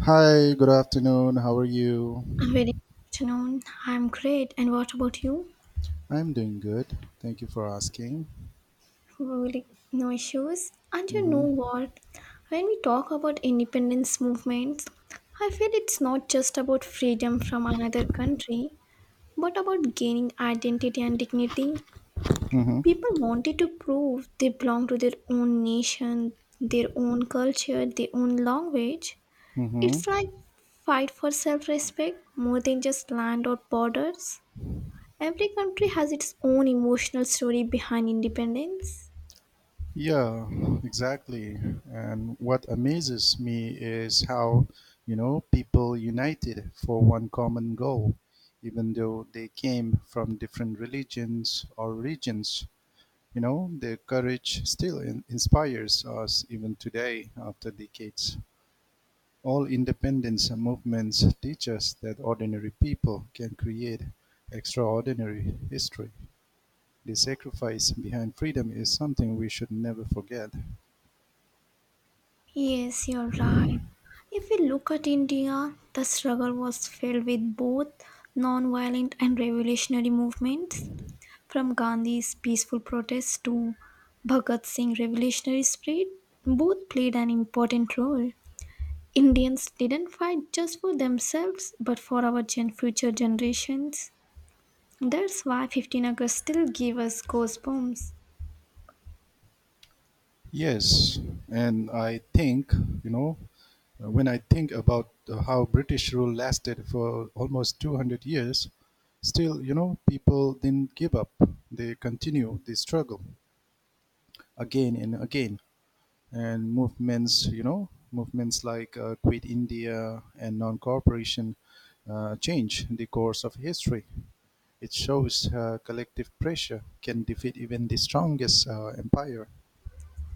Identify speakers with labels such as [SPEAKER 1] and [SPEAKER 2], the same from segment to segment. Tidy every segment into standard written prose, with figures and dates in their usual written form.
[SPEAKER 1] Hi, good afternoon. How are you?
[SPEAKER 2] Very good afternoon. I'm great. And what about you?
[SPEAKER 1] I'm doing good. Thank you for asking.
[SPEAKER 2] Really, no issues. And you know
[SPEAKER 1] Mm-hmm.
[SPEAKER 2] what? When we talk about independence movements, I feel it's not just about freedom from another country, but about gaining identity and dignity.
[SPEAKER 1] Mm-hmm.
[SPEAKER 2] People wanted to prove they belong to their own nation, their own culture, their own language.
[SPEAKER 1] Mm-hmm.
[SPEAKER 2] It's like fight for self-respect more than just land or borders. Every country has its own emotional story behind independence.
[SPEAKER 1] Yeah, exactly. And what amazes me is how, people united for one common goal, even though they came from different religions or regions. Their courage still inspires us even today after decades. All independence movements teach us that ordinary people can create extraordinary history. The sacrifice behind freedom is something we should never forget.
[SPEAKER 2] Yes, you're right. If we look at India, the struggle was filled with both non-violent and revolutionary movements, from Gandhi's peaceful protests to Bhagat Singh's revolutionary spirit, both played an important role. Indians didn't fight just for themselves, but for our future generations. That's why 15 August still gives us goosebumps.
[SPEAKER 1] Yes, and I think, you know, when I think about how British rule lasted for almost 200 years. Still, people didn't give up. They continue the struggle again and again. And movements, movements like Quit India and non-cooperation change the course of history. It shows collective pressure can defeat even the strongest empire.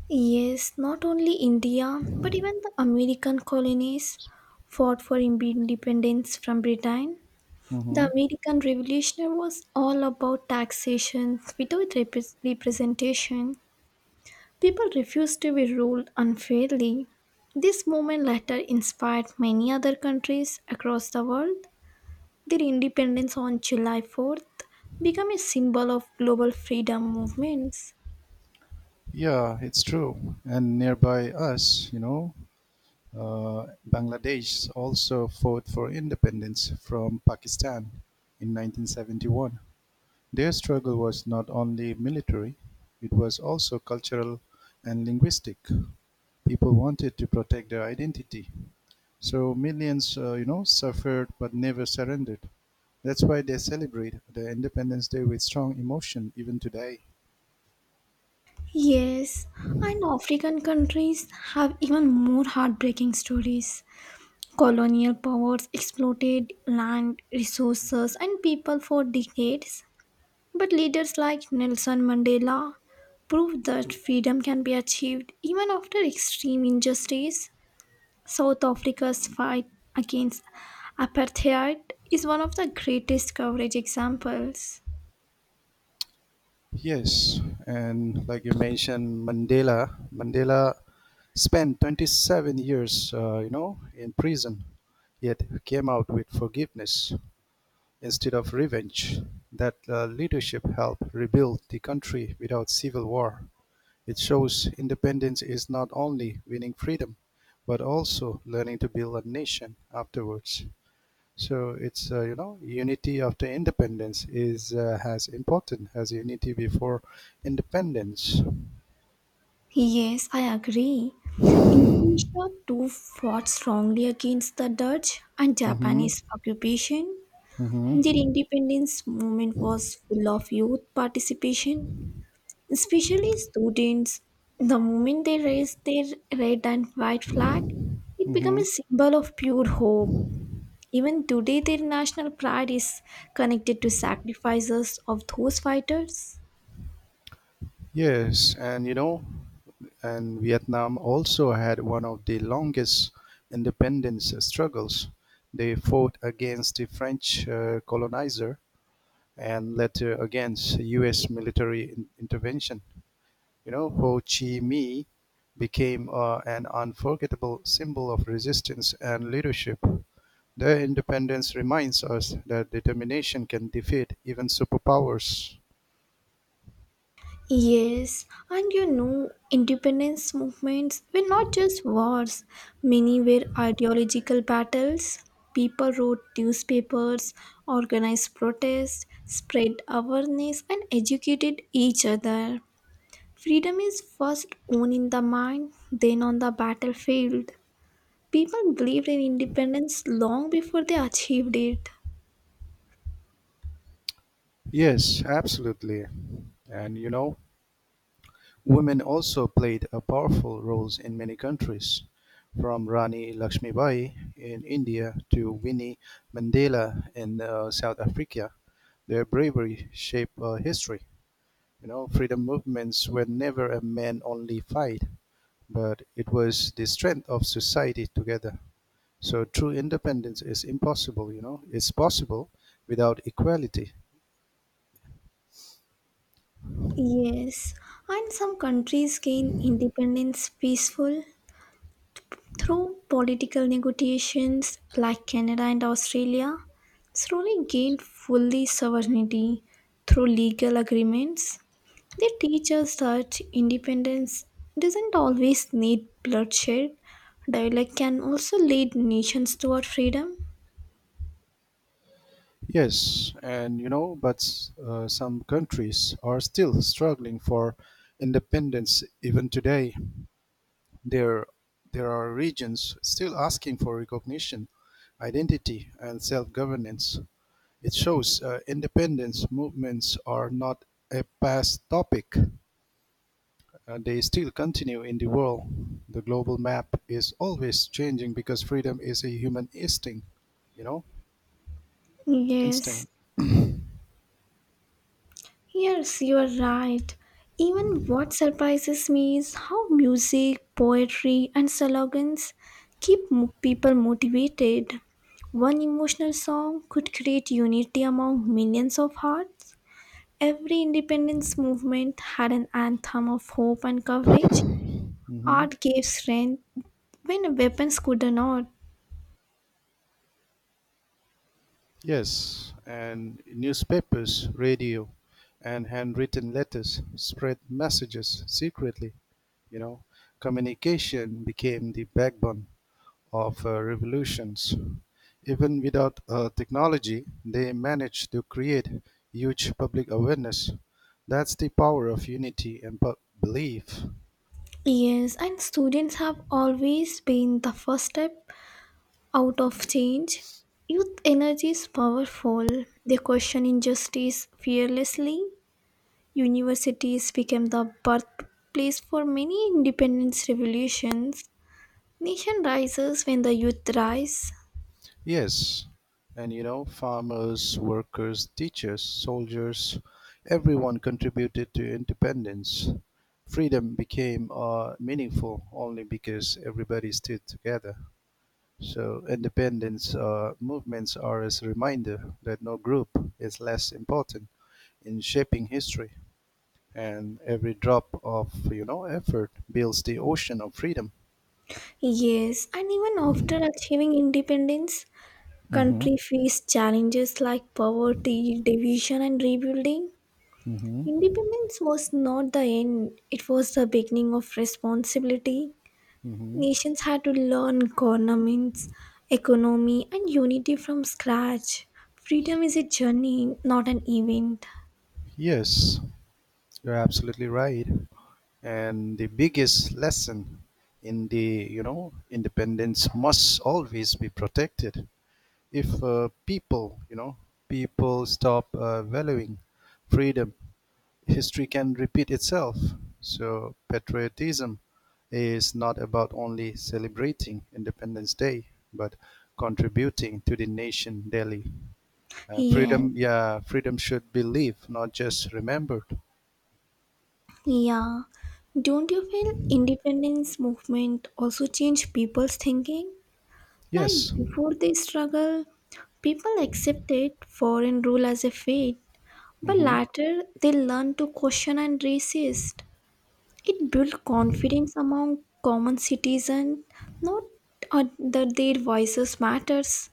[SPEAKER 2] Yes, not only India, but even the American colonies fought for independence from Britain.
[SPEAKER 1] Hmm.
[SPEAKER 2] The American Revolution was all about taxation without representation. People refused to be ruled unfairly. This movement later inspired many other countries across the world. Their independence on July 4th became a symbol of global freedom movements.
[SPEAKER 1] Yeah, it's true. And nearby us, Bangladesh also fought for independence from Pakistan in 1971. Their struggle was not only military, it was also cultural and linguistic. People wanted to protect their identity. So millions, suffered but never surrendered. That's why they celebrate the Independence Day with strong emotion even today.
[SPEAKER 2] Yes, and African countries have even more heartbreaking stories. Colonial powers exploited land, resources, and people for decades. But leaders like Nelson Mandela proved that freedom can be achieved even after extreme injustice. South Africa's fight against apartheid is one of the greatest coverage examples.
[SPEAKER 1] Yes, and like you mentioned, Mandela. Mandela spent 27 years, in prison, yet came out with forgiveness instead of revenge. That leadership helped rebuild the country without civil war. It shows independence is not only winning freedom, but also learning to build a nation afterwards. So it's unity after independence is as important as unity before independence.
[SPEAKER 2] Yes, I agree. Indonesia too fought strongly against the Dutch and
[SPEAKER 1] Mm-hmm.
[SPEAKER 2] Japanese occupation. Their
[SPEAKER 1] Mm-hmm.
[SPEAKER 2] independence movement was full of youth participation, especially students. The moment they raised their red and white flag, it became
[SPEAKER 1] Mm-hmm.
[SPEAKER 2] a symbol of pure hope. Even today, their national pride is connected to sacrifices of those fighters.
[SPEAKER 1] Yes, and and Vietnam also had one of the longest independence struggles. They fought against the French colonizer and later against U.S. military intervention. Ho Chi Minh became an unforgettable symbol of resistance and leadership. Their independence reminds us that determination can defeat even superpowers.
[SPEAKER 2] Yes, and you know, independence movements were not just wars, many were ideological battles. People wrote newspapers, organized protests, spread awareness, and educated each other. Freedom is first won in the mind, then on the battlefield. People believed in independence long before they achieved it.
[SPEAKER 1] Yes, absolutely. And women also played a powerful roles in many countries, from Rani Lakshmibai in India to Winnie Mandela in South Africa. Their bravery shaped history. Freedom movements were never a man-only fight, but it was the strength of society together. So true independence is impossible, It's possible without equality.
[SPEAKER 2] Yes, and some countries gain independence peaceful through political negotiations like Canada and Australia, slowly gained fully sovereignty through legal agreements. They teach us that independence doesn't always need bloodshed. Dialogue can also lead nations toward freedom.
[SPEAKER 1] Yes, and but some countries are still struggling for independence even today. There, there are regions still asking for recognition, identity, and self governance. It shows independence movements are not a past topic. They still continue in the world. The global map is always changing because freedom is a human instinct, you know,
[SPEAKER 2] Yes,
[SPEAKER 1] instinct.
[SPEAKER 2] yes, you are right. Even what surprises me is how music, poetry, and slogans keep people motivated. One emotional song could create unity among millions of hearts. Every independence movement had an anthem of hope and courage.
[SPEAKER 1] Mhm.
[SPEAKER 2] Art gave strength when weapons could not.
[SPEAKER 1] Yes, and newspapers, radio, and handwritten letters spread messages secretly. You know, communication became the backbone of revolutions. Even without technology, they managed to create huge public awareness. That's the power of unity and belief.
[SPEAKER 2] Yes, and students have always been the first step out of change. Youth energy is powerful. They question injustice fearlessly. Universities became the birthplace for many independence revolutions. Nation rises when the youth rise.
[SPEAKER 1] Yes, and farmers, workers, teachers, soldiers, everyone contributed to independence. Freedom became meaningful only because everybody stood together. So, independence movements are as a reminder that no group is less important in shaping history, and every drop of effort builds the ocean of freedom.
[SPEAKER 2] Yes, and even after achieving independence,
[SPEAKER 1] Mm-hmm.
[SPEAKER 2] country faced challenges like poverty, division and rebuilding.
[SPEAKER 1] Mm-hmm.
[SPEAKER 2] Independence was not the end, it was the beginning of responsibility.
[SPEAKER 1] Mm-hmm.
[SPEAKER 2] Nations had to learn governance, economy, and unity from scratch. Freedom is a journey, not an event.
[SPEAKER 1] Yes, you're absolutely right. And the biggest lesson in the, independence must always be protected. If people stop valuing freedom, history can repeat itself. So patriotism is not about only celebrating Independence Day, but contributing to the nation daily.
[SPEAKER 2] Yeah,
[SPEAKER 1] Freedom should be lived, not just remembered.
[SPEAKER 2] yeah. Don't you feel independence movement also changed people's thinking? Like
[SPEAKER 1] Yes.
[SPEAKER 2] before the struggle, people accepted foreign rule as a fate, but
[SPEAKER 1] Mhm.
[SPEAKER 2] later they learned to question and resist. It built confidence among common citizens, not that their voices matters.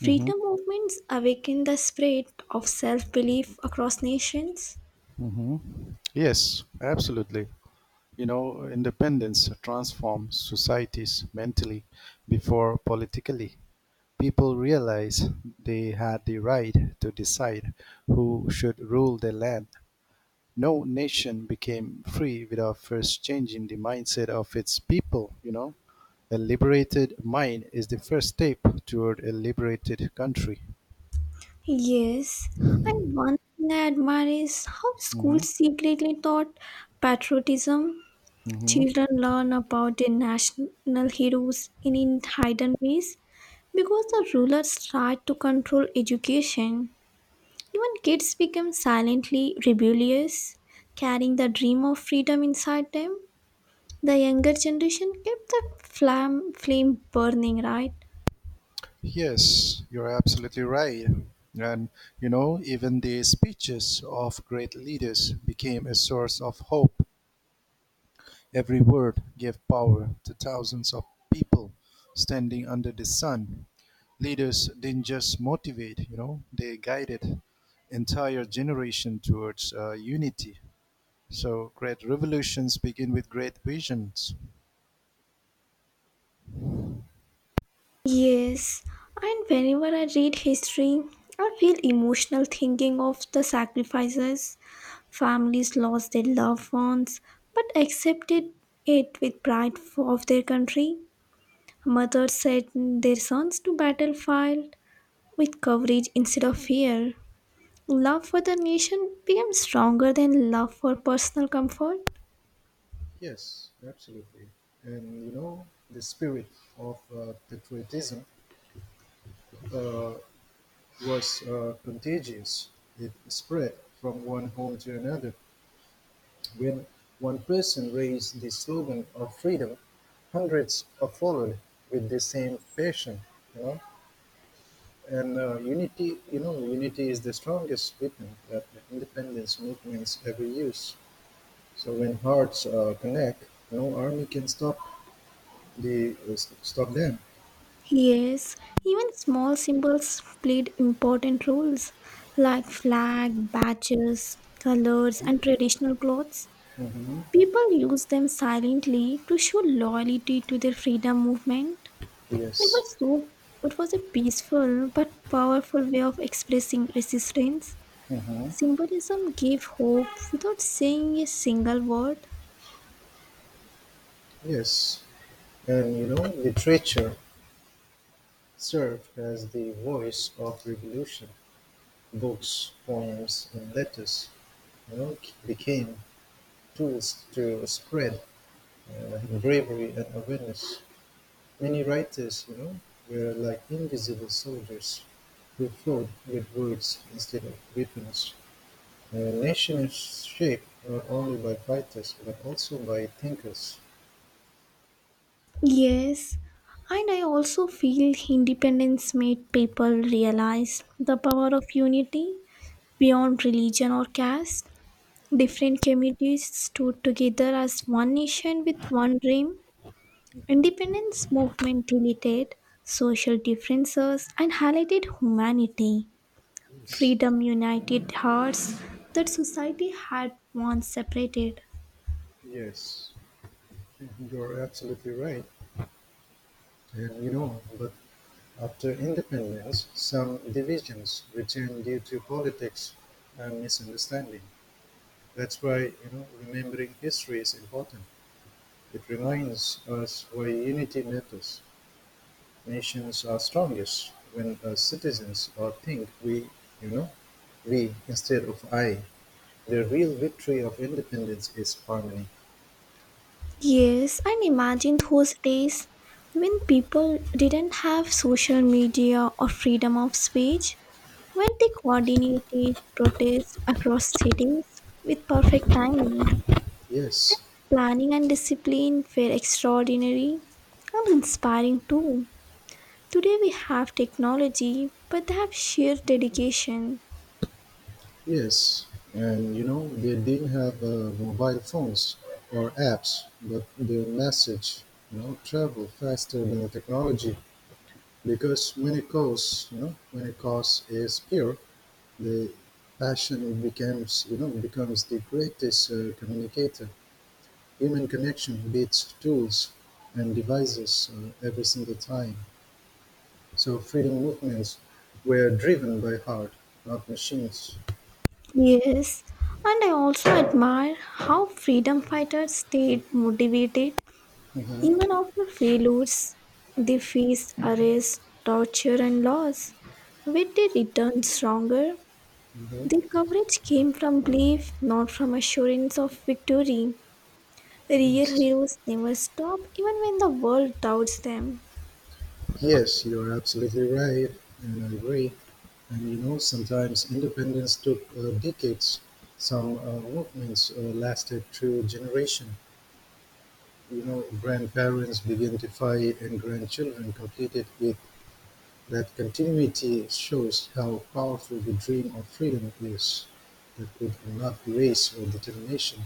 [SPEAKER 1] Hmm.
[SPEAKER 2] movements awakened the spirit of self-belief across nations.
[SPEAKER 1] Hmm. Yes, absolutely. Independence transforms societies mentally before politically. People realize they had the right to decide who should rule their land. No nation became free without first changing the mindset of its people, A liberated mind is the first step toward a liberated country.
[SPEAKER 2] Yes, and one thing I admire is how
[SPEAKER 1] Hmm.
[SPEAKER 2] schools secretly taught patriotism.
[SPEAKER 1] Hmm.
[SPEAKER 2] Children learn about their national heroes in hidden ways because the rulers tried to control education. Even kids become silently rebellious, carrying the dream of freedom inside them. The younger generation kept the flame burning, right?
[SPEAKER 1] Yes, you're absolutely right. And even the speeches of great leaders became a source of hope. Every word gave power to thousands of people standing under the sun. Leaders didn't just motivate, they guided entire generation towards unity. So great revolutions begin with great visions.
[SPEAKER 2] Yes, and whenever I read history, I feel emotional thinking of the sacrifices. Families lost their loved ones but accepted it with pride of their country. Mothers sent their sons to battlefield with courage instead of fear. Love for the nation became stronger than love for personal comfort.
[SPEAKER 1] Yes, absolutely. And the spirit of patriotism uh, was contagious. It spread from one home to another. When one person raised the slogan of freedom, hundreds followed with the same passion. You know, and unity is the strongest weapon that the independence movements ever use. So when hearts connect, no army can stop stop them.
[SPEAKER 2] Yes, even small symbols played important roles like flag, badges, colors, and traditional clothes.
[SPEAKER 1] Hmm.
[SPEAKER 2] People used them silently to show loyalty to their freedom movement. It
[SPEAKER 1] Yes.
[SPEAKER 2] was so it was a peaceful but powerful way of expressing resistance.
[SPEAKER 1] Hmm.
[SPEAKER 2] Symbolism gave hope without saying a single word.
[SPEAKER 1] Yes. And literature served as the voice of revolution. Books, poems, and letters you know, became tools to spread bravery and awareness. Many writers, were like invisible soldiers who fought with words instead of weapons. Nations shaped not only by fighters but also by thinkers.
[SPEAKER 2] Yes, and I also feel independence made people realize the power of unity beyond religion or caste. Different communities stood together as one nation with one dream.
[SPEAKER 1] Mhm.
[SPEAKER 2] Independence movement deleted social differences and highlighted humanity.
[SPEAKER 1] Yes,
[SPEAKER 2] Freedom united hearts that society had once separated.
[SPEAKER 1] yes, you're absolutely right. And but after independence, some divisions returned due to politics and misunderstanding. That's why remembering history is important. It reminds us why unity matters. Nations are strongest when citizens are think we, you know, we instead of I. The real victory of independence is harmony.
[SPEAKER 2] Yes, and imagine those days when people didn't have social media or freedom of speech, when they coordinated protests across cities with perfect timing.
[SPEAKER 1] Yes.
[SPEAKER 2] Planning and discipline were extraordinary and inspiring too. Today we have technology, but they have sheer dedication.
[SPEAKER 1] Yes, and they didn't have mobile phones or apps, but the message, travel faster than the technology because when it goes, when it cause is pure, the passion it becomes, becomes the greatest communicator. Human connection beats tools and devices every single time. So freedom movements were driven by heart, not machines.
[SPEAKER 2] Yes, and I also admire how freedom fighters stayed motivated
[SPEAKER 1] Uh huh.
[SPEAKER 2] even after failures, they faced arrest, torture, and loss. When they returned stronger,
[SPEAKER 1] Uh huh.
[SPEAKER 2] their courage came from belief, not from assurance of victory. Real
[SPEAKER 1] Yes.
[SPEAKER 2] heroes never stop, even when the world doubts them.
[SPEAKER 1] Yes, you're absolutely right, and I agree. And sometimes independence took decades. Some movements lasted through generation. Grandparents began to fight, and grandchildren completed it. That continuity shows how powerful the dream of freedom is. That it cannot be race or determination.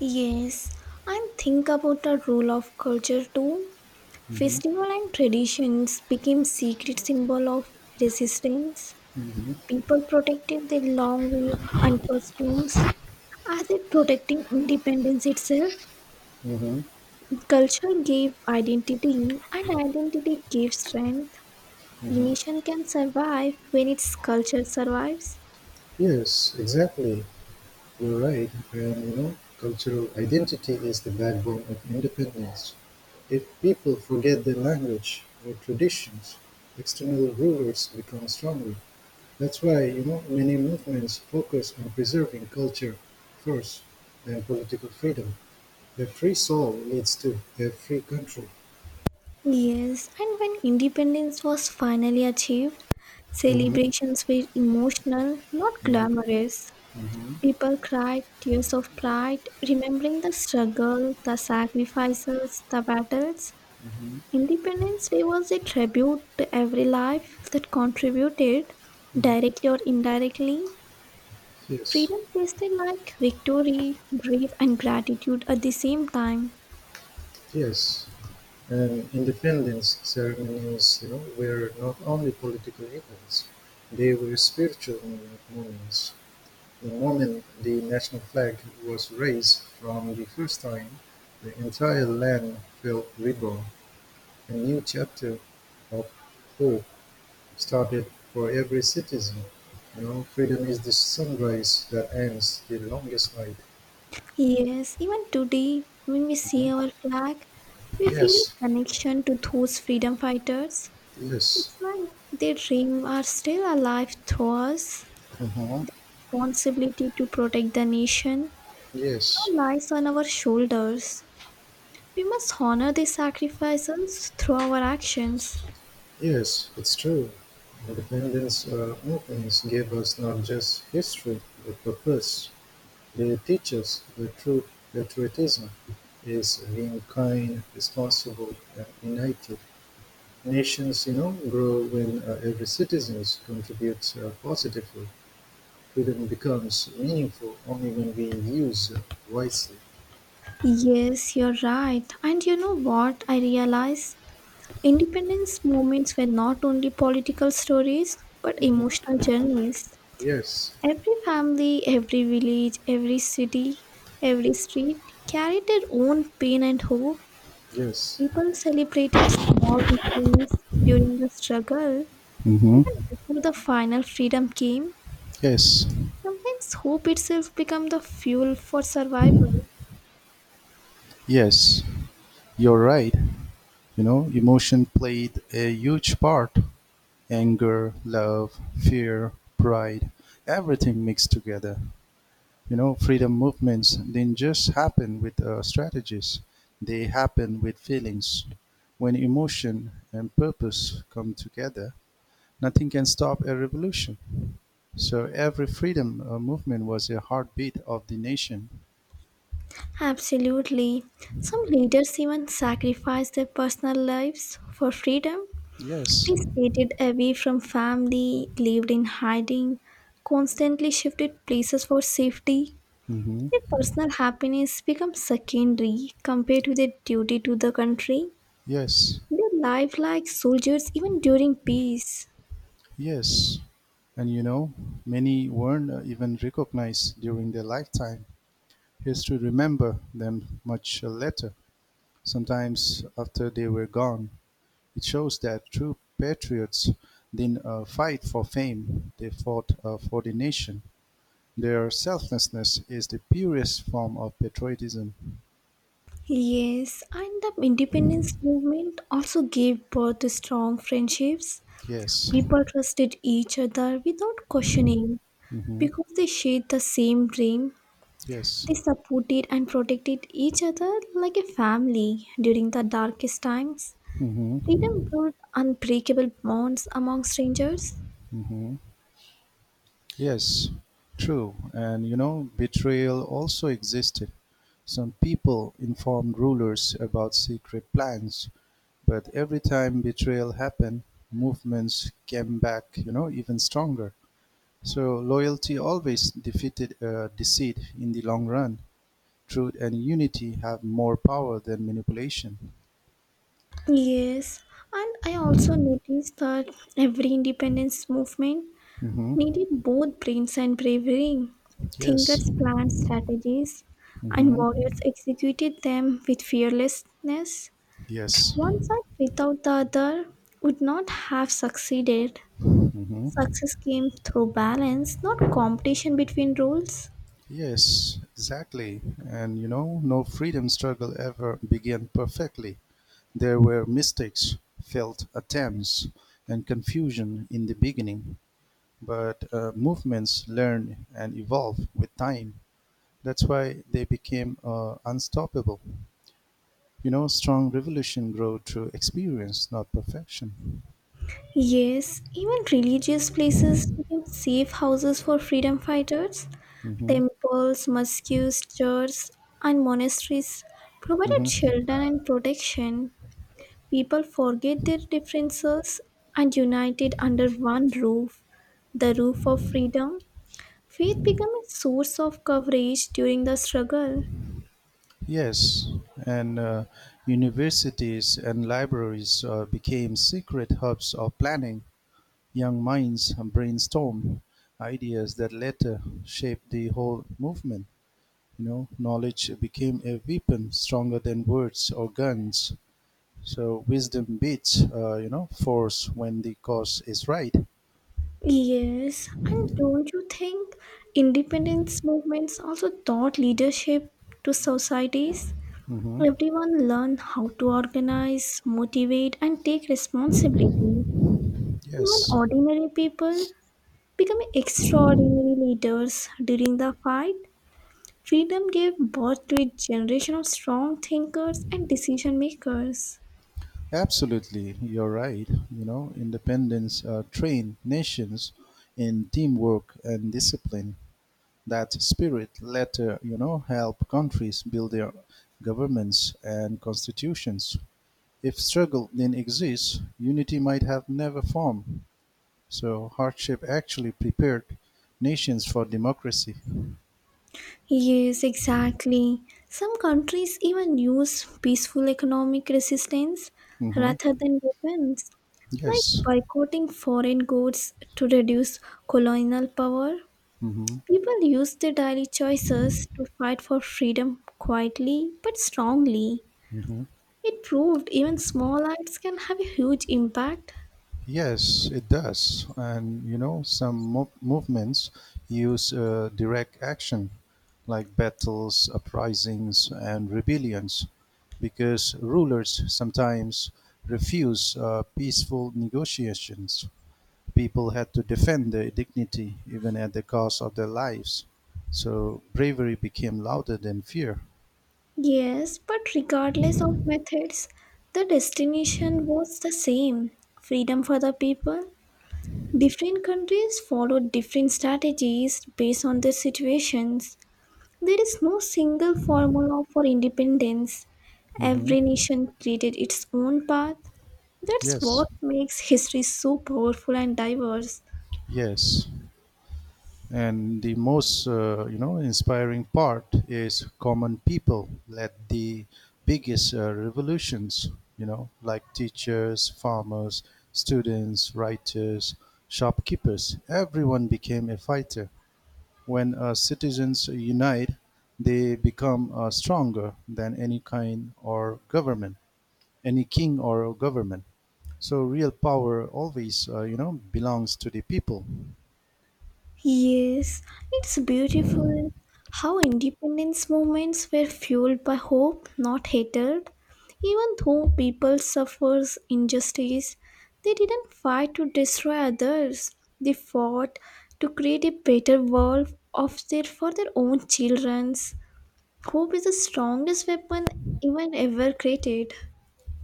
[SPEAKER 2] Yes, and think about the role of culture too.
[SPEAKER 1] Hmm.
[SPEAKER 2] Festival and traditions became secret symbol of resistance.
[SPEAKER 1] Hmm.
[SPEAKER 2] People protected their long weeds and costumes, as if protecting independence itself,
[SPEAKER 1] Hmm.
[SPEAKER 2] culture gave identity and identity gave strength. A
[SPEAKER 1] Hmm.
[SPEAKER 2] nation can survive when its culture survives.
[SPEAKER 1] Yes, exactly. You're right, and cultural identity is the backbone of independence. If people forget their language or traditions, external rulers become stronger. That's why, many movements focus on preserving culture first, then political freedom. A free soul leads to a free country.
[SPEAKER 2] Yes, and when independence was finally achieved,
[SPEAKER 1] Hmm.
[SPEAKER 2] celebrations were emotional, not
[SPEAKER 1] Hmm.
[SPEAKER 2] glamorous. People cried tears of pride, remembering the struggle, the sacrifices, the battles.
[SPEAKER 1] Hmm.
[SPEAKER 2] Independence Day was a tribute to every life that contributed, directly or indirectly.
[SPEAKER 1] Yes,
[SPEAKER 2] Freedom tasted like victory, grief, and gratitude at the same time.
[SPEAKER 1] yes. Independence ceremonies, were not only political events, they were spiritual moments. The moment the national flag was raised from the first time, the entire land felt reborn. A new chapter of hope started for every citizen. Freedom is the sunrise that ends the longest night.
[SPEAKER 2] Yes, even today, when we
[SPEAKER 1] Mhm.
[SPEAKER 2] see our flag, we feel
[SPEAKER 1] Yes,
[SPEAKER 2] a connection to those freedom fighters.
[SPEAKER 1] yes.
[SPEAKER 2] It's like their dreams are still alive through us.
[SPEAKER 1] Mhm.
[SPEAKER 2] Responsibility to protect the nation
[SPEAKER 1] Yes.
[SPEAKER 2] now lies on our shoulders. We must honor these sacrifices through our actions.
[SPEAKER 1] Yes, it's true. Independence movements give us not just history, but purpose. They teach us that true patriotism is being kind, responsible, and united. Nations, grow when every citizen contributes positively. Freedom becomes meaningful only when we use it wisely.
[SPEAKER 2] Yes, you're right. And you know what I realized? Independence movements were not only political stories but emotional journeys.
[SPEAKER 1] Yes,
[SPEAKER 2] Every family, every village, every city, every street carried their own pain and hope.
[SPEAKER 1] yes.
[SPEAKER 2] People celebrated small victories during the struggle,
[SPEAKER 1] Hmm.
[SPEAKER 2] even before the final freedom came.
[SPEAKER 1] Yes.
[SPEAKER 2] Sometimes hope itself became the fuel for survival.
[SPEAKER 1] Yes, you're right. Emotion played a huge part. Anger, love, fear, pride, everything mixed together. Freedom movements didn't just happen with strategies, they happen with feelings. When emotion and purpose come together, nothing can stop a revolution. So every freedom movement was a heartbeat of the nation.
[SPEAKER 2] Absolutely. Some leaders even sacrifice their personal lives for freedom.
[SPEAKER 1] Yes.
[SPEAKER 2] They stayed away from family, lived in hiding, constantly shifted places for safety.
[SPEAKER 1] Hmm.
[SPEAKER 2] Their personal happiness becomes secondary compared to their duty to the country.
[SPEAKER 1] Yes.
[SPEAKER 2] They live like soldiers even during peace.
[SPEAKER 1] Yes, and many weren't even recognized during their lifetime. History remember them much later, sometimes after they were gone. It shows that true patriots didn't fight for fame; they fought for the nation. Their selflessness is the purest form of patriotism.
[SPEAKER 2] Yes, and the independence movement also gave birth to strong friendships.
[SPEAKER 1] Yes.
[SPEAKER 2] People trusted each other without questioning.
[SPEAKER 1] Hmm.
[SPEAKER 2] Because they shared the same dream,
[SPEAKER 1] Yes.
[SPEAKER 2] they supported and protected each other like a family during the darkest times. Freedom
[SPEAKER 1] Hmm.
[SPEAKER 2] built unbreakable bonds among strangers.
[SPEAKER 1] Hmm. Yes, true. And betrayal also existed. Some people informed rulers about secret plans, but every time betrayal happened, movements came back, even stronger. So loyalty always defeated deceit in the long run. Truth and unity have more power than manipulation.
[SPEAKER 2] Yes, and I also noticed that every independence movement
[SPEAKER 1] Hmm.
[SPEAKER 2] needed both brains and bravery.
[SPEAKER 1] Yes.
[SPEAKER 2] Thinkers planned strategies, and
[SPEAKER 1] Hmm.
[SPEAKER 2] warriors executed them with fearlessness.
[SPEAKER 1] Yes.
[SPEAKER 2] One side without the other would not have succeeded.
[SPEAKER 1] Hmm.
[SPEAKER 2] Success came through balance, not competition between roles.
[SPEAKER 1] Yes, exactly. And no freedom struggle ever began perfectly. There were mistakes, failed attempts, and confusion in the beginning. But movements learn and evolve with time. That's why they became unstoppable. Strong revolution grow through experience, not perfection.
[SPEAKER 2] Yes, even religious places became safe houses for freedom fighters.
[SPEAKER 1] Hmm.
[SPEAKER 2] Temples, mosques, churches, and monasteries provided
[SPEAKER 1] Hmm.
[SPEAKER 2] shelter and protection. People forget their differences and united under one roof, the roof of freedom. Faith became a source of coverage during the struggle.
[SPEAKER 1] Yes, and universities and libraries became secret hubs of planning. Young minds brainstormed ideas that later shaped the whole movement. Knowledge became a weapon stronger than words or guns. So wisdom beats, force when the cause is right.
[SPEAKER 2] Yes, and don't you think independence movements also taught leadership to societies?
[SPEAKER 1] Hmm.
[SPEAKER 2] Everyone learned how to organize, motivate, and take responsibility. Even
[SPEAKER 1] Yes.
[SPEAKER 2] ordinary people become extraordinary leaders during the fight. Freedom gave birth to a generation of strong thinkers and decision makers.
[SPEAKER 1] Absolutely, you're right. Independence trained nations in teamwork and discipline. That spirit later, help countries build their governments and constitutions. If struggle didn't exist, unity might have never formed. So hardship actually prepared nations for democracy.
[SPEAKER 2] Yes, exactly. Some countries even use peaceful economic resistance
[SPEAKER 1] Hmm.
[SPEAKER 2] rather than weapons, like
[SPEAKER 1] Yes.
[SPEAKER 2] boycotting foreign goods to reduce colonial power.
[SPEAKER 1] Hmm.
[SPEAKER 2] People use their daily choices to fight for freedom quietly but strongly.
[SPEAKER 1] Hmm.
[SPEAKER 2] It proved even small acts can have a huge impact.
[SPEAKER 1] Yes, it does. And movements use direct action, like battles, uprisings, and rebellions, because rulers sometimes refuse peaceful negotiations. People had to defend their dignity even at the cost of their lives. So bravery became louder than fear.
[SPEAKER 2] Yes, but regardless of methods, the destination was the same freedom for the people. Different countries follow different strategies based on their situations. There is no single formula for independence. Every
[SPEAKER 1] Hmm.
[SPEAKER 2] nation created its own path. That's
[SPEAKER 1] Yes,
[SPEAKER 2] what makes history so powerful and diverse.
[SPEAKER 1] yes. And the most, inspiring part is common people led the biggest revolutions, like teachers, farmers, students, writers, shopkeepers. Everyone became a fighter. When citizens unite, they become stronger than any king or government. So real power always, belongs to the people.
[SPEAKER 2] Yes, it's beautiful how independence movements were fueled by hope, not hatred. Even though people suffers injustice, they didn't fight to destroy others. They fought to create a better world of their for their own childrens. Hope is the strongest weapon even ever created.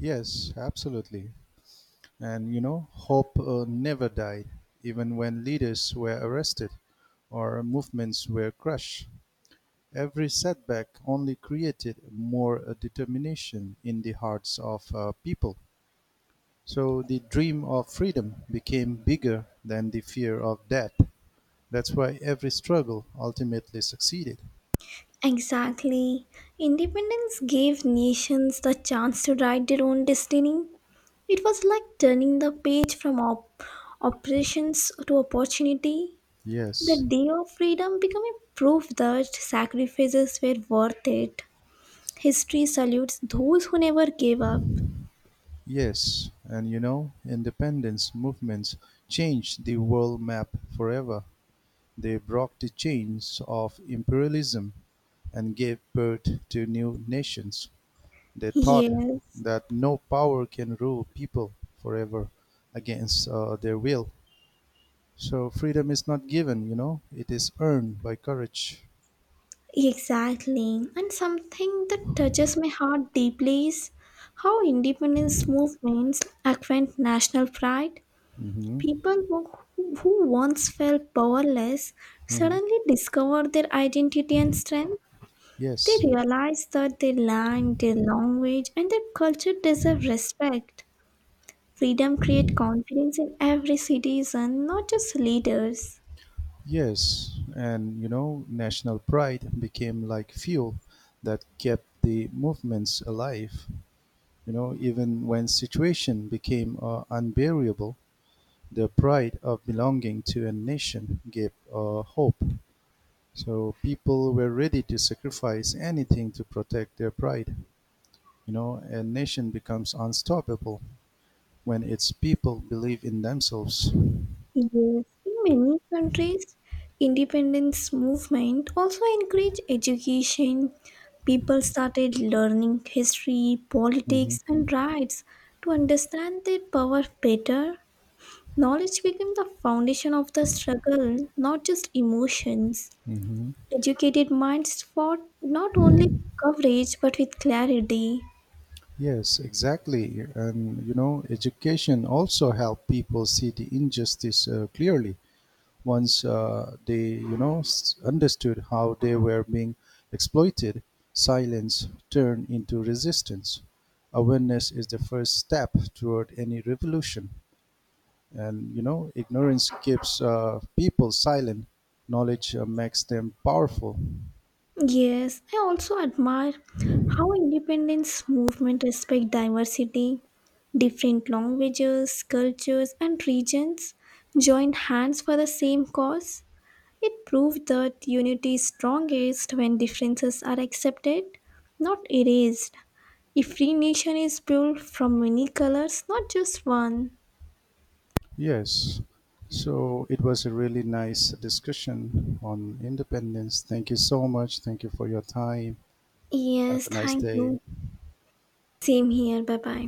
[SPEAKER 1] Yes, absolutely. And hope never died, even when leaders were arrested or movements were crushed. Every setback only created more determination in the hearts of people. So the dream of freedom became bigger than the fear of death. That's why every struggle ultimately succeeded.
[SPEAKER 2] Exactly. Independence gave nations the chance to write their own destiny. It was like turning the page from operations to opportunity. The
[SPEAKER 1] Yes,
[SPEAKER 2] day of freedom became a proof that sacrifices were worth it. History salutes those who never gave up.
[SPEAKER 1] yes. And independence movements changed the world map forever. They broke the chains of imperialism and gave birth to new nations. They taught
[SPEAKER 2] Yes,
[SPEAKER 1] that no power can rule people forever against their will. So freedom is not given, it is earned by courage.
[SPEAKER 2] exactly. And something that touches my heart deeply is how independence movements acquaint national pride.
[SPEAKER 1] Hmm.
[SPEAKER 2] People who, who once felt powerless
[SPEAKER 1] Hmm.
[SPEAKER 2] suddenly discover their identity and strength. They
[SPEAKER 1] Yes,
[SPEAKER 2] realized that they learned their language and their culture deserve respect. Freedom creates confidence in every citizen, not just leaders.
[SPEAKER 1] yes. And, national pride became like fuel that kept the movements alive, even when situation became unbearable. The pride of belonging to a nation gave hope. So people were ready to sacrifice anything to protect their pride. A nation becomes unstoppable when its people believe in themselves.
[SPEAKER 2] Yes, in many countries, independence movement also encourage education. People started learning history, politics,
[SPEAKER 1] Hmm.
[SPEAKER 2] and rights to understand their power better. Knowledge became the foundation of the struggle, not just emotions.
[SPEAKER 1] Hmm.
[SPEAKER 2] Educated minds fought not only with coverage but with clarity.
[SPEAKER 1] Yes, exactly. And education also helped people see the injustice clearly. Once they you know s- understood how they were being exploited, silence turned into resistance. Awareness is the first step toward any revolution. And ignorance keeps people silent. Knowledge makes them powerful.
[SPEAKER 2] Yes, I also admire how independence movement respect diversity. Different languages, cultures and regions joined hands for the same cause. It proved that unity is strongest when differences are accepted, not erased. A free nation is built from many colors, not just one.
[SPEAKER 1] Yes, so it was a really nice discussion on independence. Thank you so much. Thank you for your time. Have
[SPEAKER 2] Yes,
[SPEAKER 1] a nice
[SPEAKER 2] thank
[SPEAKER 1] day.
[SPEAKER 2] you. Same here. Bye bye.